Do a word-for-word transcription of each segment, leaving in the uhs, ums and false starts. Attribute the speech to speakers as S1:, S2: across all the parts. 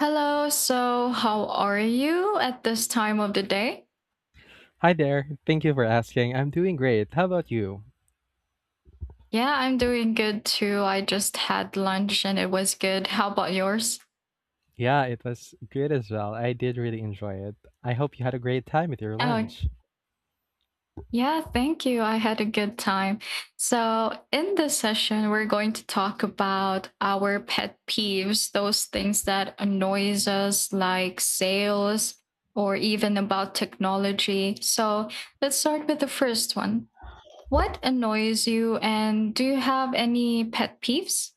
S1: Hello, so how are you at this time of the day?
S2: Hi there. Thank you for asking. I'm doing great. How about you?
S1: Yeah, I'm doing good too. I just had lunch and it was good. How about yours?
S2: Yeah, it was good as well. I did really enjoy it. I hope you had a great time with your
S1: Oh,
S2: lunch.
S1: yeah, thank you. I had a good time. So, in this session, we're going to talk about our pet peeves, those things that annoys us, like sales or even about technology. So let's start with the first one. What annoys you and do you have any pet peeves?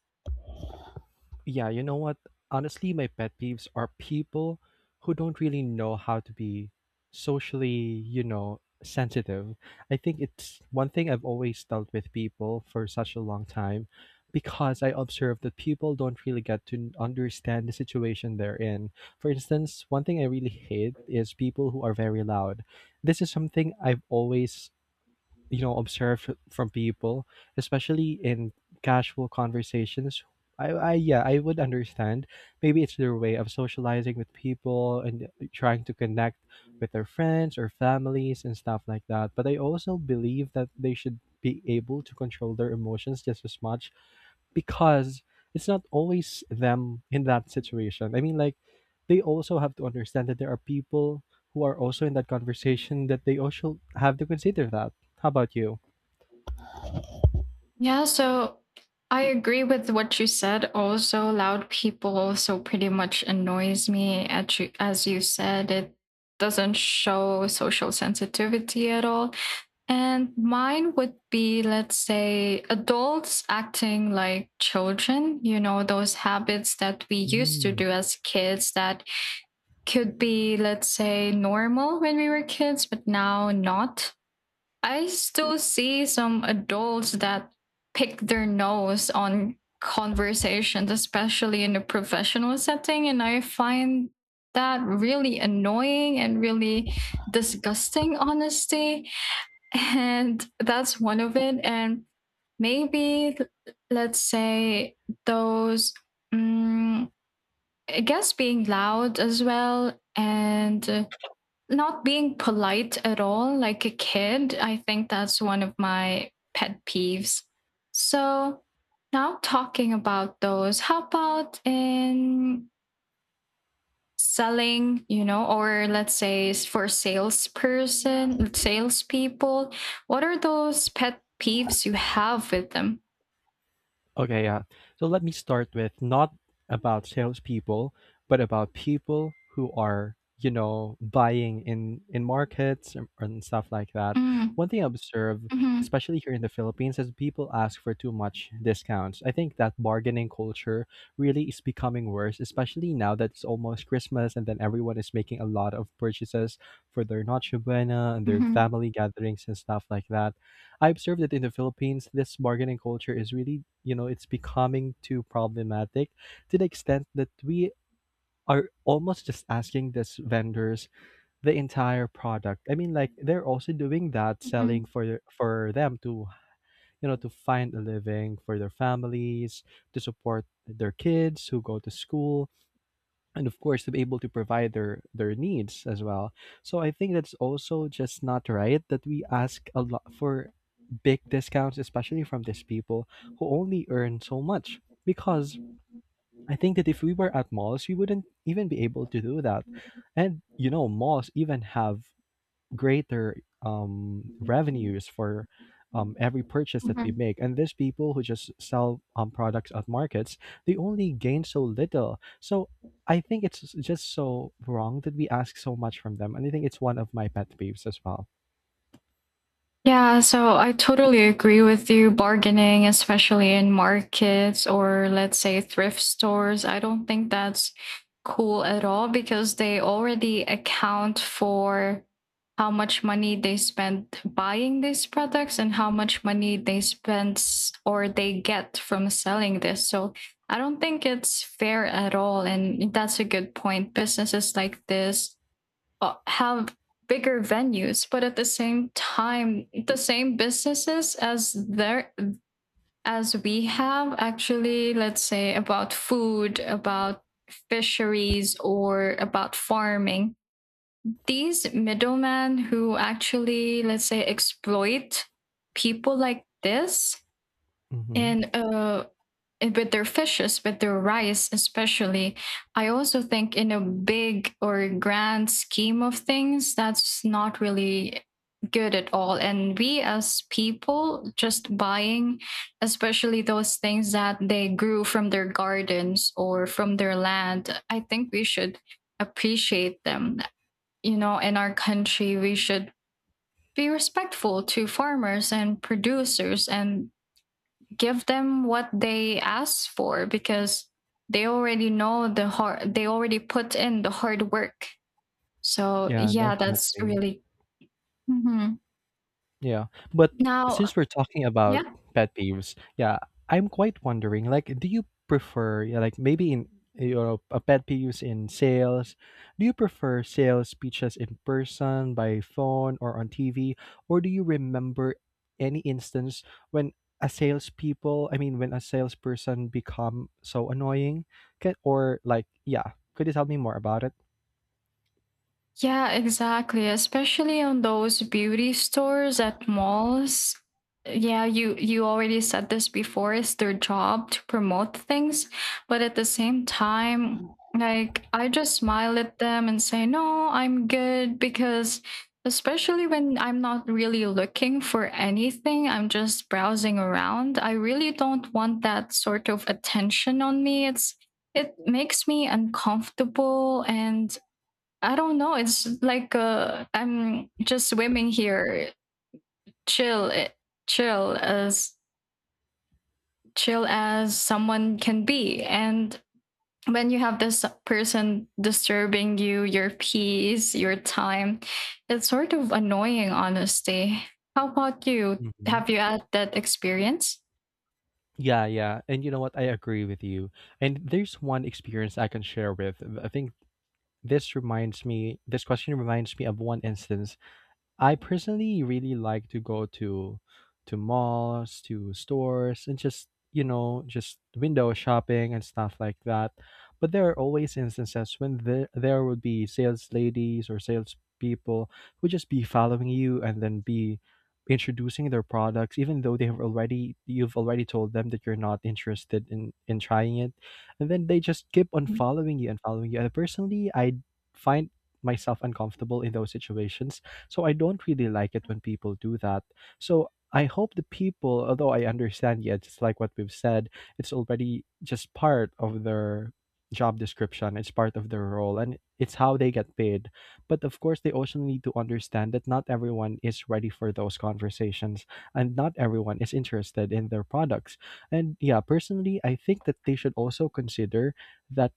S2: Yeah, you know what? Honestly, my pet peeves are people who don't really know how to be socially, you know, sensitive. I think it's one thing I've always dealt with people for such a long time because I observe that people don't really get to understand the situation they're in. For instance, one thing I really hate is people who are very loud. This is something I've always you know observed from people, especially in casual conversations. I, I yeah, I would understand. Maybe it's their way of socializing with people and trying to connect with their friends or families and stuff like that. But I also believe that they should be able to control their emotions just as much because it's not always them in that situation. I mean, like, they also have to understand that there are people who are also in that conversation that they also have to consider that. How about you?
S1: Yeah, so I agree with what you said. Also, loud people also pretty much annoys me at you, as you said. It doesn't show social sensitivity at all. And mine would be, let's say, adults acting like children, you know, those habits that we used to do as kids that could be, let's say, normal when we were kids, but now not. I still see some adults that pick their nose on conversations, especially in a professional setting. And I find that really annoying and really disgusting, honestly. And that's one of it. And maybe, let's say, those, mm, I guess, being loud as well and uh, not being polite at all, like a kid. I think that's one of my pet peeves. So now, talking about those, how about in selling, you know or let's say s- for salesperson, salespeople, what are those pet peeves you have with them?
S2: Okay, yeah. So let me start with not about salespeople, but about people who are, you know, buying in in markets and, and stuff like that.
S1: mm,
S2: One thing I observe,
S1: hmm
S2: especially here in the Philippines, is people ask for too much discounts. I think that bargaining culture really is becoming worse, especially now that it's almost Christmas, and then everyone is making a lot of purchases for their Noche Buena and their
S1: hmm
S2: family gatherings and stuff like that. I observed that in the Philippines, this bargaining culture is really, you know, it's becoming too problematic to the extent that we are almost just asking these vendors the entire product. I mean, like they're also doing that, selling
S1: hmm
S2: for their- for them to, you know, to find a living for their families, to support their kids who go to school, and of course to be able to provide their their needs as well. So I think that's also just not right that we ask a lot for big discounts, especially from these people who only earn so much, because I think that if we were at malls we wouldn't even be able to do that. And you know malls even have greater um, revenues for um, every purchase that we
S1: hmm
S2: make. And these people who just sell um, products at markets, they only gain so little. So I think it's just so wrong that we ask so much from them. And I think it's one of my pet peeves as well.
S1: Yeah, so I totally agree with you. Bargaining, especially in markets, or let's say thrift stores, I don't think that's cool at all, because they already account for how much money they spend buying these products and how much money they spend s- or they get from selling this. So I don't think it's fair at all. And that's a good point. Businesses like this uh, have bigger venues, but at the same time, the same businesses as there, as we have, actually, let's say about food, about fisheries, or about farming, these middlemen who actually, let's say, exploit people like this
S2: Hmm
S1: in a eh, with their fishes, with their rice, especially. I also think, in a big or grand scheme of things, that's not really good at all. And we, as people, just buying, especially those things that they grew from their gardens or from their land, I think we should appreciate them. You know, in our country, we should be respectful to farmers and producers and give them what they ask for, because they already know the hard they already put in the hard work. So
S2: Yeah,
S1: yeah, that's
S2: definitely.
S1: really... Mhm.
S2: Yeah, but
S1: Now...
S2: since we're talking about pet peeves, yeah, I'm quite wondering, like, do you prefer, yeah, like maybe in your a pet peeves in sales, do you prefer sales speeches in person, by phone, or on T V, or do you remember any instance when a salespeople, I mean, when a salesperson become so annoying, can, or like, yeah, could you tell me more about
S1: Yeah, exactly. Especially on those beauty stores at malls. Yeah, you you already said this before. It's their job to promote things, but at the same time, like, I just smile at them and say, "No, I'm good," because especially when I'm not really looking for anything, I'm just browsing around. I really don't want that sort of attention on me. It's... it makes me uncomfortable. And I don't know. It's like, uh, I'm just swimming here, chill, eh, chill as chill as someone can be. And when you have this person disturbing you, your peace, your time, it's sort of annoying, honestly. How about you?
S2: it?
S1: Have you had that experience?
S2: Yeah, yeah. And you know what? I agree with you. And there's one experience I can share with. I think this reminds me, this question reminds me of one instance. I personally really like to go to to malls, to stores, and just you know just window shopping and stuff like that. But there are always instances when there there would be sales ladies or sales people who just be following you and then be introducing their products even though they have already you've already told them that you're not interested in in trying it, and then they just keep on following you and following you, and personally I find myself uncomfortable in those situations, so I don't really like it when people do that. So I hope the people, although I understand, yeah, just like what we've said, it's already just part of their job description, it's part of their role, and it's how they get paid. But of course, they also need to understand that not everyone is ready for those conversations, and not everyone is interested in their products. And yeah, personally, I think that they should also consider that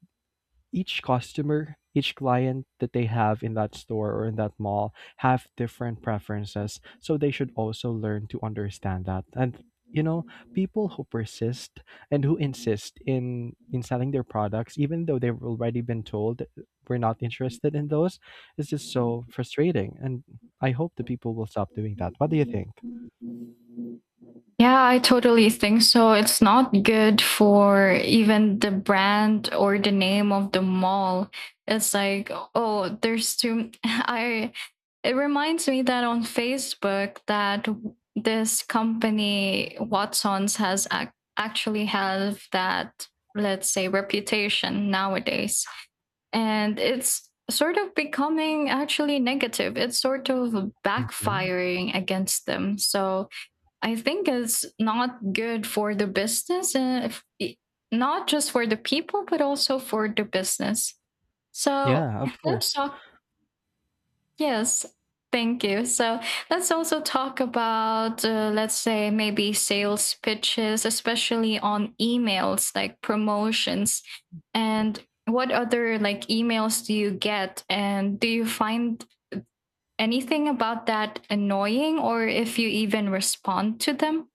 S2: each customer, each client that they have in that store or in that mall have different preferences. So they should also learn to understand that. And you know, people who persist and who insist in in selling their products, even though they've already been told that we're not interested in those, is just so frustrating. And I hope the people will stop doing that. What do you think?
S1: Yeah, I totally think so. It's not good for even the brand or the name of the mall. It's like, oh, there's too... I... it reminds me that on Facebook, that w- this company Watsons has ac- actually have that, let's say, reputation nowadays. And it's sort of becoming actually negative. It's sort of
S2: Mhm.
S1: backfiring against them. So I think it's not good for the business, uh, if, I- not just for the people, but also for the business. So
S2: Yeah, of
S1: let's
S2: course.
S1: talk. Yes, thank you. So let's also talk about, uh, let's say, maybe sales pitches, especially on emails like promotions. And what other, like, emails do you get? And do you find anything about that annoying, or if you even respond to them?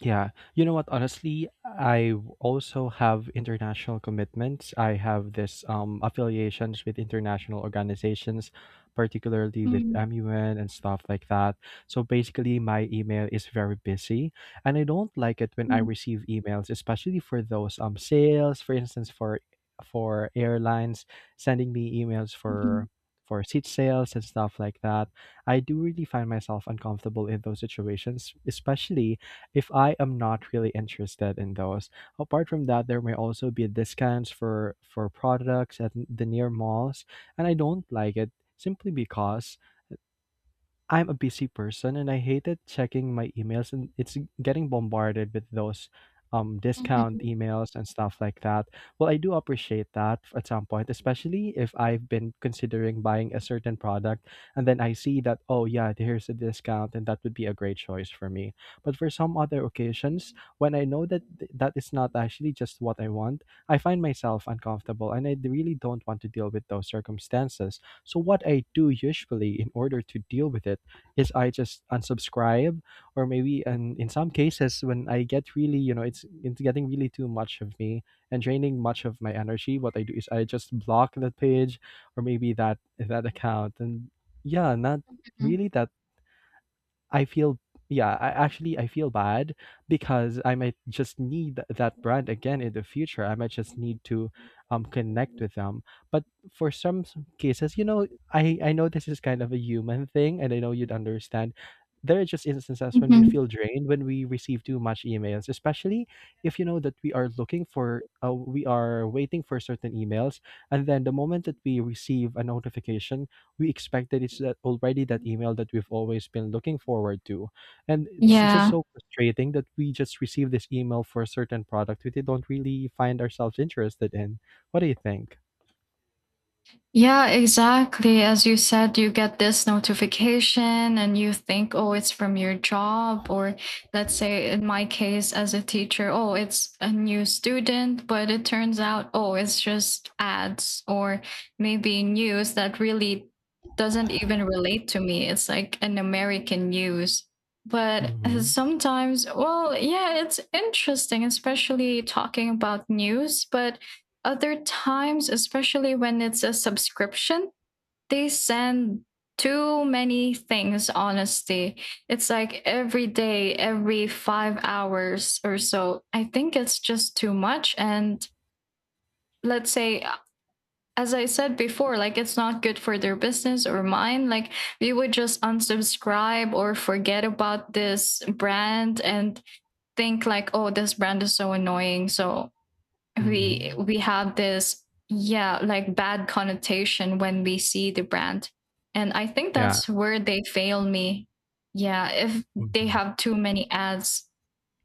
S2: Yeah, you know what? Honestly, I w- also have international commitments. I have this um, affiliations with international organizations, particularly with M U N and stuff like that. So basically, my email is very busy, and I don't like it when I receive emails, especially for those um sales, for instance, for for airlines sending me emails
S1: Mhm.
S2: for for seat sales and stuff like that. I do really find myself uncomfortable in those situations, especially if I am not really interested in those. Apart from that, there may also be discounts for for products at the near malls, and I don't like it simply because I'm a busy person, and I hated checking my emails and it's getting bombarded with those um discount
S1: Mhm.
S2: emails and stuff like that. Well, I do appreciate that at some point, especially if I've been considering buying a certain product and then I see that oh yeah, here's a discount and that would be a great choice for me. But for some other occasions, when I know that th- that is not actually just what I want, I find myself uncomfortable and I d- really don't want to deal with those circumstances. So what I do usually in order to deal with it is I just unsubscribe, or maybe and in some cases when I get really, you know, it's it's getting really too much of me and draining much of my energy. What I do is I just block that page or maybe that that account, and yeah, not
S1: Mhm.
S2: really that I feel yeah, I actually I feel bad because I might just need that brand again in the future. I might just need to um connect with them. But for some s- cases, you know, I I know this is kind of a human thing and I know you'd understand. There are just instances when we
S1: Mhm.
S2: feel drained when we receive too much emails, especially if you know that we are looking for uh, we are waiting for certain emails, and then the moment that we receive a notification, we expect that it's that already that email that we've always been looking forward to, and it's just
S1: Yeah.
S2: so frustrating that we just receive this email for a certain product we don't really find ourselves interested in. What do you think?
S1: Yeah, exactly. As you said, you get this notification and you think, oh, it's from your job. Or let's say, in my case, as a teacher, oh, it's a new student. But it turns out, oh, it's just ads, or maybe news that really doesn't even relate to me. It's like an American news. But uh,
S2: Hmm
S1: sometimes, well, yeah, it's interesting, especially talking about news. But other times, especially when it's a subscription, they send too many things, honestly. It's like every day, every five hours or so. I think it's just too much. And let's say, as I said before, like, it's not good for their business or mine. Like, we would just unsubscribe or forget about this brand and think like, oh, this brand is so annoying. So we
S2: hmm
S1: we have this, yeah, like, bad connotation when we see the brand, and I think
S2: yeah.
S1: that's where they fail me. Yeah. If they
S2: hmm
S1: have too many ads,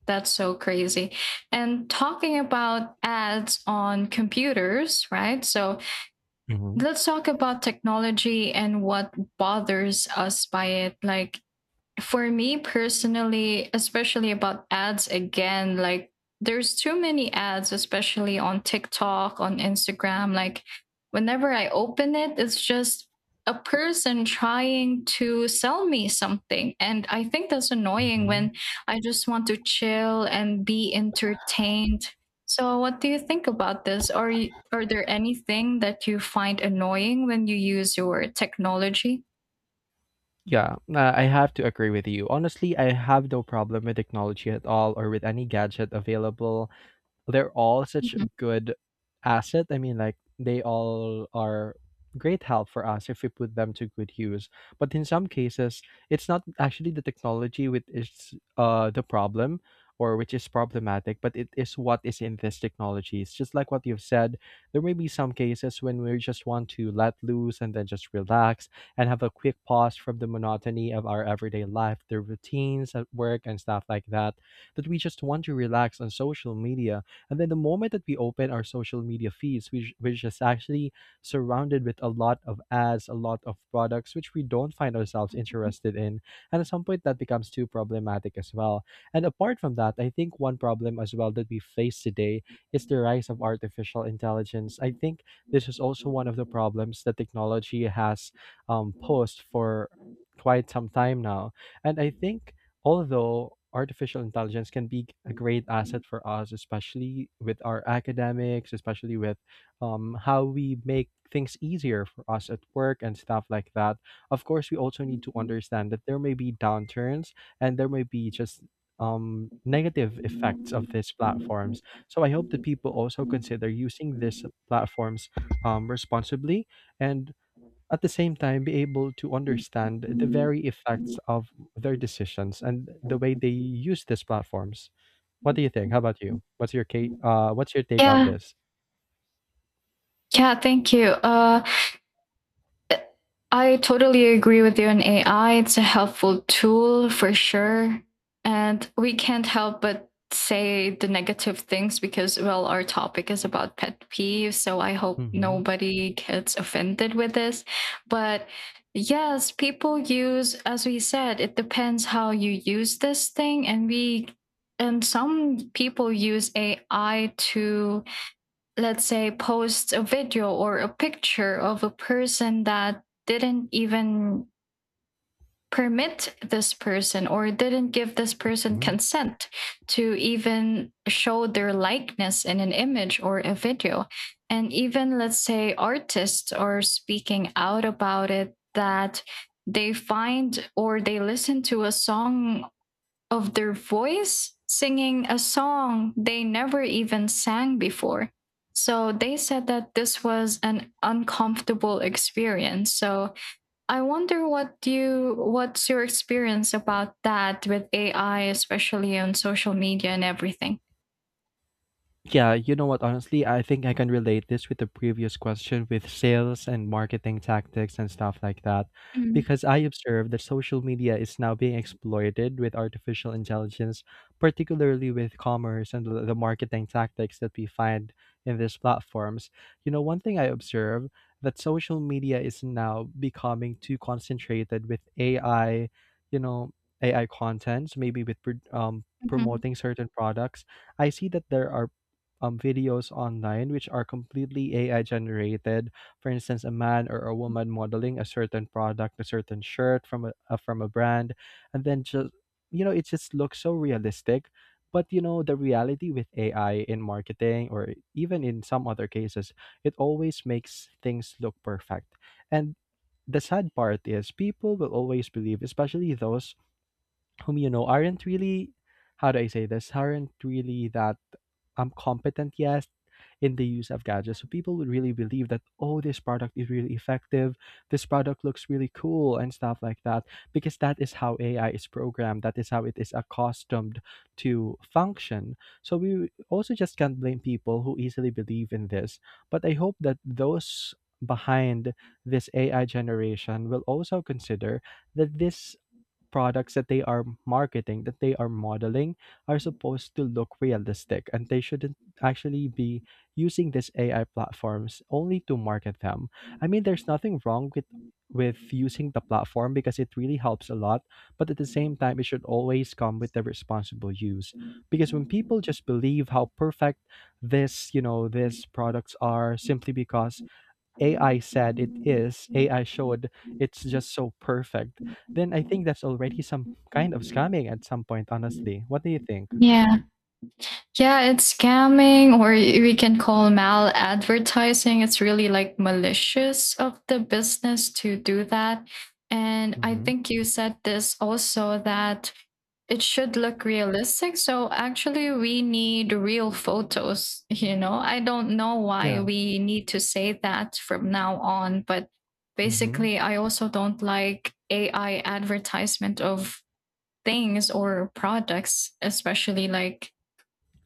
S1: that's so crazy. And talking about ads on computers, right? So
S2: hmm
S1: let's talk about technology and what bothers us by it. Like, for me personally, especially about ads again, like, there's too many ads, especially on TikTok, on Instagram. Like, whenever I open it, it's just a person trying to sell me something. And I think that's annoying
S2: hmm
S1: when I just want to chill and be entertained. So what do you think about this? Are you, are there anything that you find annoying when you use your technology?
S2: yeah, uh, I have to agree with you. Honestly, I have no problem with technology at all or with any gadget available. They're all such a good asset. I mean, like they all are great help for us if we put them to good use. But in some cases, it's not actually the technology which is uh the problem or which is problematic, but it is what is in this technology. It's just like what you've said. There may be some cases when we just want to let loose and then just relax and have a quick pause from the monotony of our everyday life, the routines at work and stuff like that. That we just want to relax on social media, and then the moment that we open our social media feeds, we, we're just actually surrounded with a lot of ads, a lot of products which we don't find ourselves interested in. And at some point that becomes too problematic as well. And apart from that, I think one problem as well that we face today is the rise of
S1: Mhm.
S2: artificial intelligence. I think this is also one of the problems that technology has um, posed for quite some time now. And I think although artificial intelligence can be a great asset for us, especially with our academics, especially with um, how we make things easier for us at work and stuff like that. Of course, we also need to understand that there may be downturns and there may be just um, negative effects of these platforms. So I hope that people also consider using these platforms um, responsibly, and at the same time be able to understand the very effects of their decisions and the way they use these platforms. What do you think? How about you? What's your ca- uh, what's your take on
S1: Yeah,
S2: this?
S1: yeah, thank you. Uh, I totally agree with you on A I. It's a helpful tool for sure. And we can't help but say the negative things, because, well, our topic is about pet peeves. So I hope
S2: Mm-hmm.
S1: nobody gets offended with this. But yes, people use, as we said, it depends how you use this thing. And we, and some people use A I to, let's say, post a video or a picture of a person that didn't even permit this person or didn't give this person consent to even show their likeness in an image or a video. And even, let's say, artists are speaking out about it, that they find or they listen to a song of their voice singing a song they never even sang before. So they said that this was an uncomfortable experience. So I wonder what you... what's your experience about that with A I, especially on social media and everything.
S2: Yeah, you know what? Honestly, I think I can relate this with the previous question with sales and marketing tactics and stuff like that.
S1: Mm,
S2: Because I observe that social media is now being exploited with artificial intelligence, particularly with commerce and the the marketing tactics that we find in these platforms. You know, one thing I observe that social media is now becoming too concentrated with A I, you know, A I contents, maybe with pro- um, promoting certain products. I see that there are um, videos online which are completely A I generated. For instance, a man or a woman modeling a certain product, a certain shirt from a uh, from a brand, and then just you know it just looks so realistic. But you know the reality with A I in marketing or even in some other cases, it always makes things look perfect. And the sad part is people will always believe, especially those whom you know aren't really, how do I say this, aren't really that um competent yet in the use of gadgets. So people would really believe that, oh, this product is really effective, this product looks really cool and stuff like that because that is how A I is programmed, that is how it is accustomed to function. So we also just can't blame people who easily believe in this. But I hope that those behind this A I generation will also consider that this products that they are marketing, that they are modeling, are supposed to look realistic and they shouldn't actually be using these A I platforms only to market them. I mean, there's nothing wrong with with using the platform because it really helps a lot, but at the same time it should always come with the responsible use. Because when people just believe how perfect this, you know, these products are simply because A I said it
S1: mhm,
S2: is, A I showed it's just so perfect, then I think that's already some kind of scamming at some point, honestly. What do you think?
S1: Yeah. Yeah, it's scamming, or y- we can call mal advertising. It's really like malicious of the business to do that. And I
S2: Mhm.
S1: think you said this also, that it should look realistic. So actually we need real photos, you know. I don't know why
S2: Yeah.
S1: we need to say that from now on, but
S2: Mhm.
S1: basically I also don't like A I advertisement of things or products, especially like,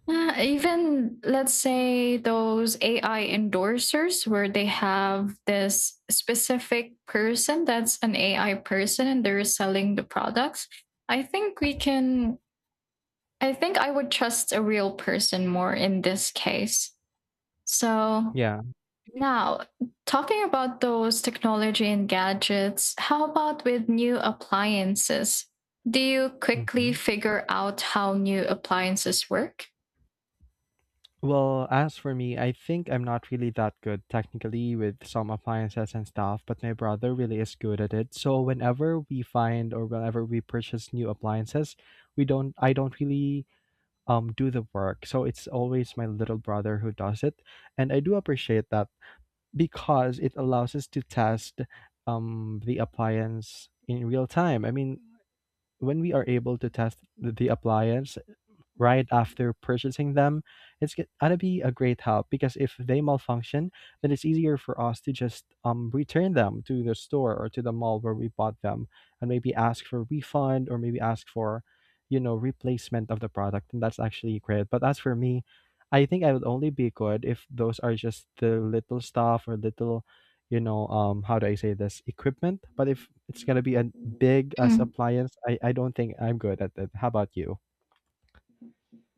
S1: uh, even let's say those A I endorsers where they have this specific person that's an A I person and they're selling the products. I think we can, I think I would trust a real person more in this case. So
S2: Yeah.
S1: now, talking about those technology and gadgets, how about with new appliances? Do you quickly
S2: Mhm.
S1: figure out how new appliances work?
S2: Well, as for me, I think I'm not really that good technically with some appliances and stuff, but my brother really is good at it. So whenever we find or whenever we purchase new appliances, we don't I don't really um do the work. So it's always my little brother who does it, and I do appreciate that because it allows us to test um, the appliance in real time. I mean, when we are able to test the the appliance right after purchasing them, it's g- gonna be a great help because if they malfunction, then it's easier for us to just um, return them to the store or to the mall where we bought them and maybe ask for refund or maybe ask for, you know, replacement of the product. And that's actually great. But as for me, I think I would only be good if those are just the little stuff or little, you know, um, how do I say this, equipment? But if it's gonna be a big as
S1: Mm.
S2: appliance, I, I don't think I'm good at it. How about you?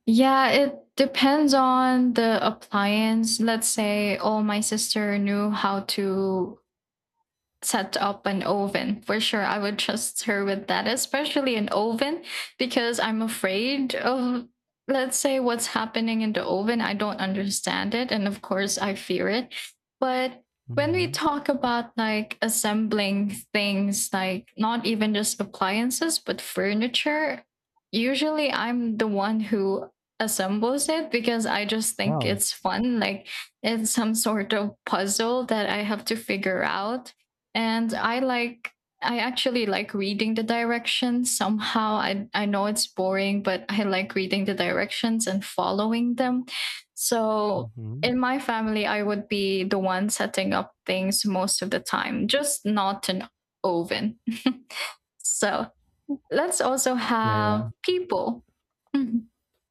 S1: Yeah, it depends on the appliance. Let's say, oh, my sister knew how to set up an oven. For sure, I would trust her with that, especially an oven, because I'm afraid of, let's say, what's happening in the oven. I don't understand it, and of course I fear it. But when we
S2: Mhm.
S1: talk about, like, assembling things, like, not even just appliances but furniture, usually I'm the one who assembles it, because I just think
S2: Wow.
S1: it's fun. Like, it's some sort of puzzle that I have to figure out. And I like I actually like reading the directions. Somehow, i i know it's boring, but I like reading the directions and following them. So
S2: Mhm.
S1: in my family, I would be the one setting up things most of the time, just not an oven. So let's also
S2: Yeah, yeah.
S1: have people. Mhm.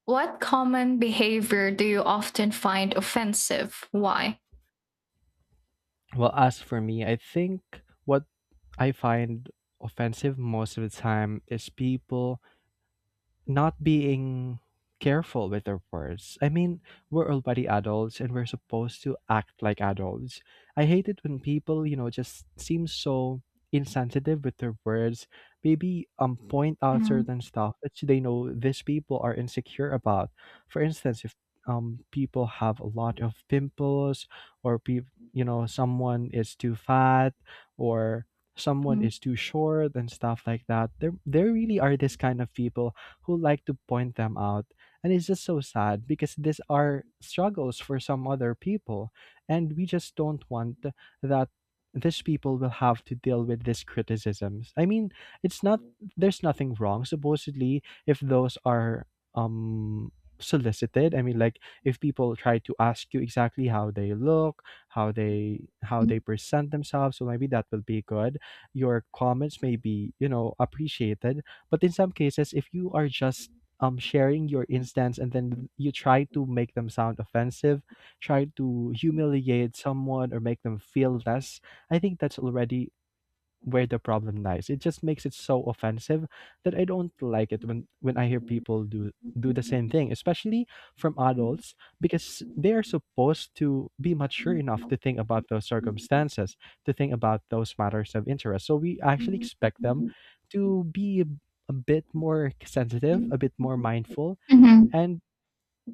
S1: What common behavior do you often find offensive, why?
S2: Well, as for me, I think what I find offensive most of the time is people not being careful with our words. I mean, we're already adults and we're supposed to act like adults. I hate it when people, you know, just seem so insensitive with their words. Maybe um point out certain stuff that they know these people are insecure about. For instance, if um people have a lot of pimples or people, you know, someone is too fat or someone is too short and stuff like that, there there really are this kind of people who like to point them out. And it's just so sad because these are struggles for some other people. And we just don't want that these people will have to deal with these criticisms. I mean, it's not, there's nothing wrong, supposedly, if those are um solicited. I mean, like, if people try to ask you exactly how they look, how they how
S1: Mhm.
S2: they present themselves, so maybe that will be good, your comments may be, you know, appreciated. But in some cases, if you are just um, sharing your instance and then you try to make them sound offensive, try to humiliate someone or make them feel less, I think that's already where the problem lies. It just makes it so offensive that I don't like it when when I hear people do do the same thing, especially from adults, because they are supposed to be mature enough to think about those circumstances, to think about those matters of interest. So we actually expect them to be a bit more sensitive, a bit more mindful,
S1: Mhm.
S2: and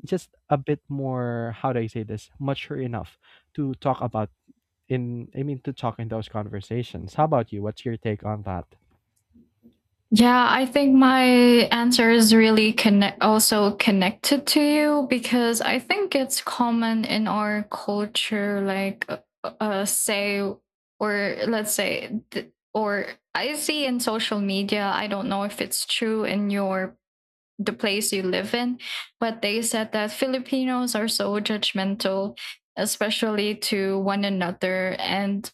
S2: just a bit more, how do I say this, mature enough to talk about in I mean to talk in those conversations. How about you? What's your take on that?
S1: Yeah, I think my answer is really connect also connected to you, because I think it's common in our culture, like, uh, uh, say, or let's say th- or I see in social media. I don't know if it's true in your the place you live in, but they said that Filipinos are so judgmental, especially to one another. And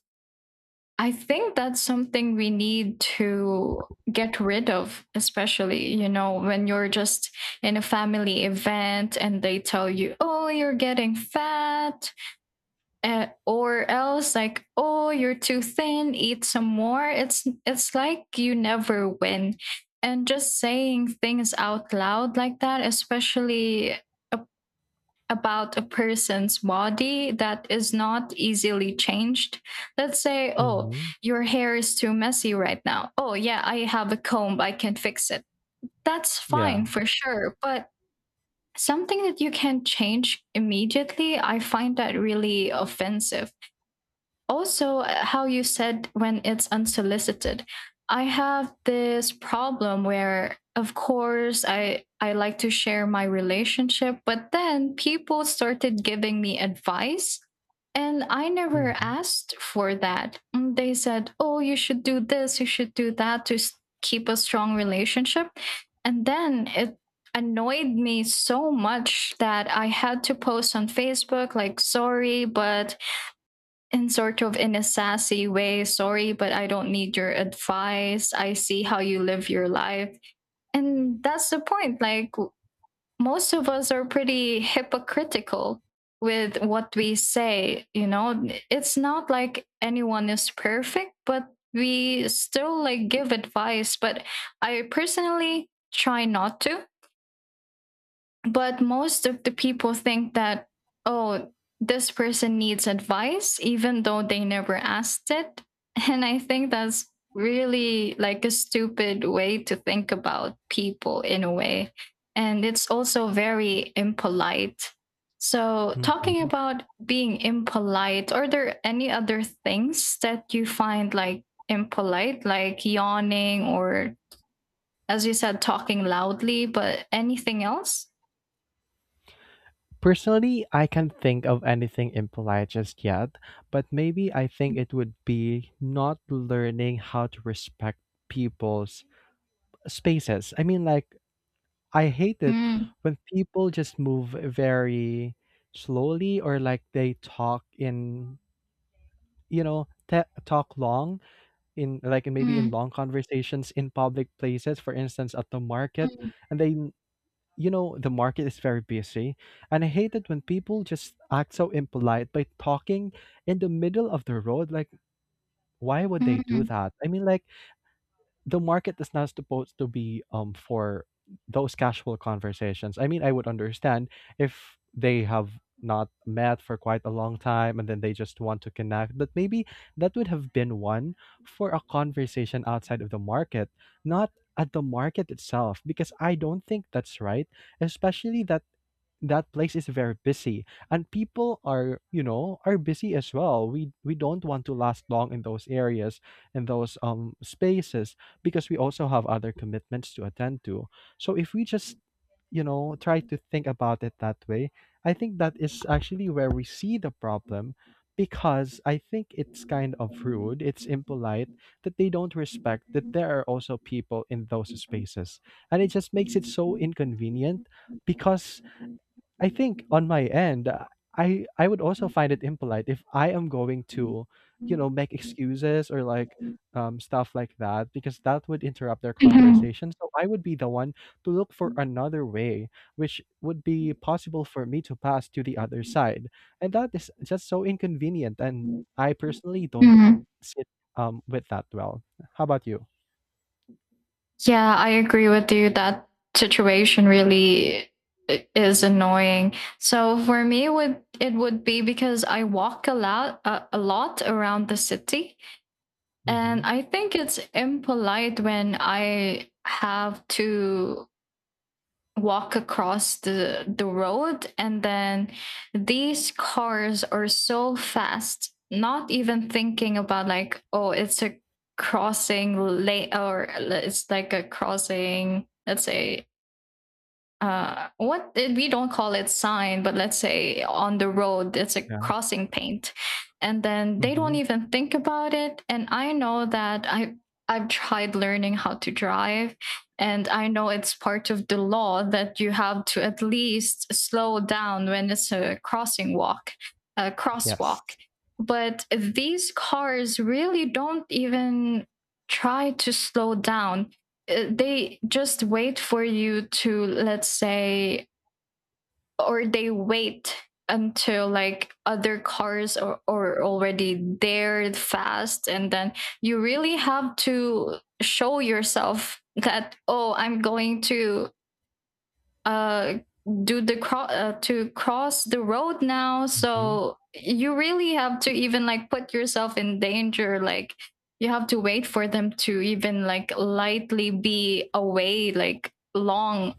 S1: I think that's something we need to get rid of, especially, you know, when you're just in a family event and they tell you, oh, you're getting fat, uh, or else like, oh, you're too thin, eat some more. It's, it's like you never win. And just saying things out loud like that, especially a about a person's body that is not easily changed. Let's say, oh,
S2: Mm-hmm.
S1: your hair is too messy right now. Oh, yeah, I have a comb, I can fix it. That's fine
S2: Yeah.
S1: for sure. But something that you can change immediately, I find that really offensive also uh, how you said when it's unsolicited. I have this problem where, of course, i i like to share my relationship, but then people started giving me advice and I never
S2: Hmm.
S1: asked for that. Mm, they said, oh, you should do this, you should do that to s- keep a strong relationship, and then it annoyed me so much that I had to post on Facebook, like, sorry, but in sort of in a sassy way, sorry but I don't need your advice, I see how you live your life, and that's the point. Like w- most of us are pretty hypocritical with what we say, you know. It's not like anyone is perfect, but we still like give advice. But I personally try not to, but most of the people think that, oh, this person needs advice, even though they never asked it. And I think that's really like a stupid way to think about people in a way. And it's also very impolite. So, talking
S2: Hmm.
S1: about being impolite, are there any other things that you find like impolite, like yawning or, as you said, talking loudly, but anything else?
S2: Personally, I can't think of anything impolite just yet, but maybe I think it would be not learning how to respect people's spaces. I mean, like, I hate it
S1: Mm,
S2: when people just move very slowly or like they talk in, you know, te- talk long in, like, maybe in
S1: mm,
S2: long conversations in public places, for instance at the market,
S1: mm,
S2: and then, you know, the market is very busy and I hate it when people just act so impolite by talking in the middle of the road, like, why would they do
S1: mm,
S2: that? I mean, like, the market is not supposed to be um for those casual conversations. I mean, I would understand if they have not met for quite a long time and then they just want to connect, but maybe that would have been one for a conversation outside of the market, not at the market itself, because I don't think that's right, especially that that place is very busy and people are, you know, are busy as well. We we don't want to last long in those areas, in those um spaces, because we also have other commitments to attend to. So if we just, you know, try to think about it that way, I think that is actually where we see the problem, because I think it's kind of rude, it's impolite that they don't respect that there are also people in those spaces. And it just makes it so inconvenient because I think on my end, uh, I I would also find it impolite if I am going to, you
S1: mm.
S2: know, make excuses or like um, stuff like that, because that would interrupt their
S1: mhm,
S2: conversation. So I would be the one to look for another way, which would be possible for me to pass to the other side, and that is just so inconvenient. And I personally don't
S1: mhm.
S2: sit um, with that well. How about you?
S1: Yeah, I agree with you. That situation really i- is annoying. So for me, would it would be because I walk a lot, uh, a lot around the city, and
S2: Mhm.
S1: I think it's impolite when I have to walk across the the road, and then these cars are so fast, not even thinking about, like, oh, it's a crossing lane, or it's like a crossing, let's say, uh what we don't call it, sign, but let's say on the road it's a
S2: Yeah.
S1: crossing paint, and then they don't
S2: Mhm.
S1: even think about it. And I know that i i've tried learning how to drive, and I know it's part of the law that you have to at least slow down when it's a crossing walk, a crosswalk.
S2: Yes.
S1: But these cars really don't even try to slow down. Uh, they just wait for you to, let's say, or they wait until like other cars are, are already there fast, and then you really have to show yourself that, oh, I'm going to uh do the cro- uh, to cross the road now.
S2: Mhm.
S1: So you really have to even like put yourself in danger, like you have to wait for them to even like lightly be away like long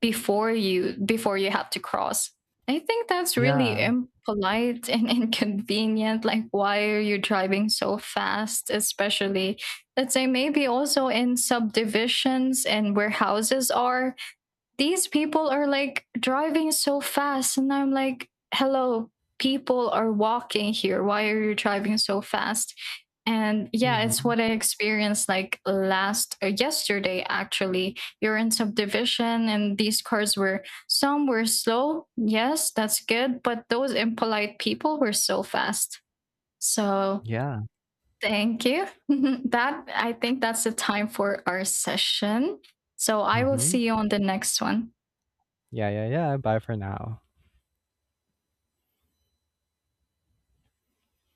S1: before you before you have to cross. I think that's really
S2: Yeah.
S1: impolite and inconvenient. Like, why are you driving so fast, especially, let's say, maybe also in subdivisions and where houses are? These people are like driving so fast, and I'm like, hello, people are walking here, why are you driving so fast? And yeah, it's
S2: Mhm.
S1: what I experienced like last, uh, yesterday actually. You're in subdivision and these cars were, some were slow, yes, that's good, but those impolite people were so fast. So
S2: Yeah.
S1: thank you. that I think that's the time for our session, so I will
S2: Mhm.
S1: see you on the next one.
S2: Yeah, yeah, yeah. Bye for now.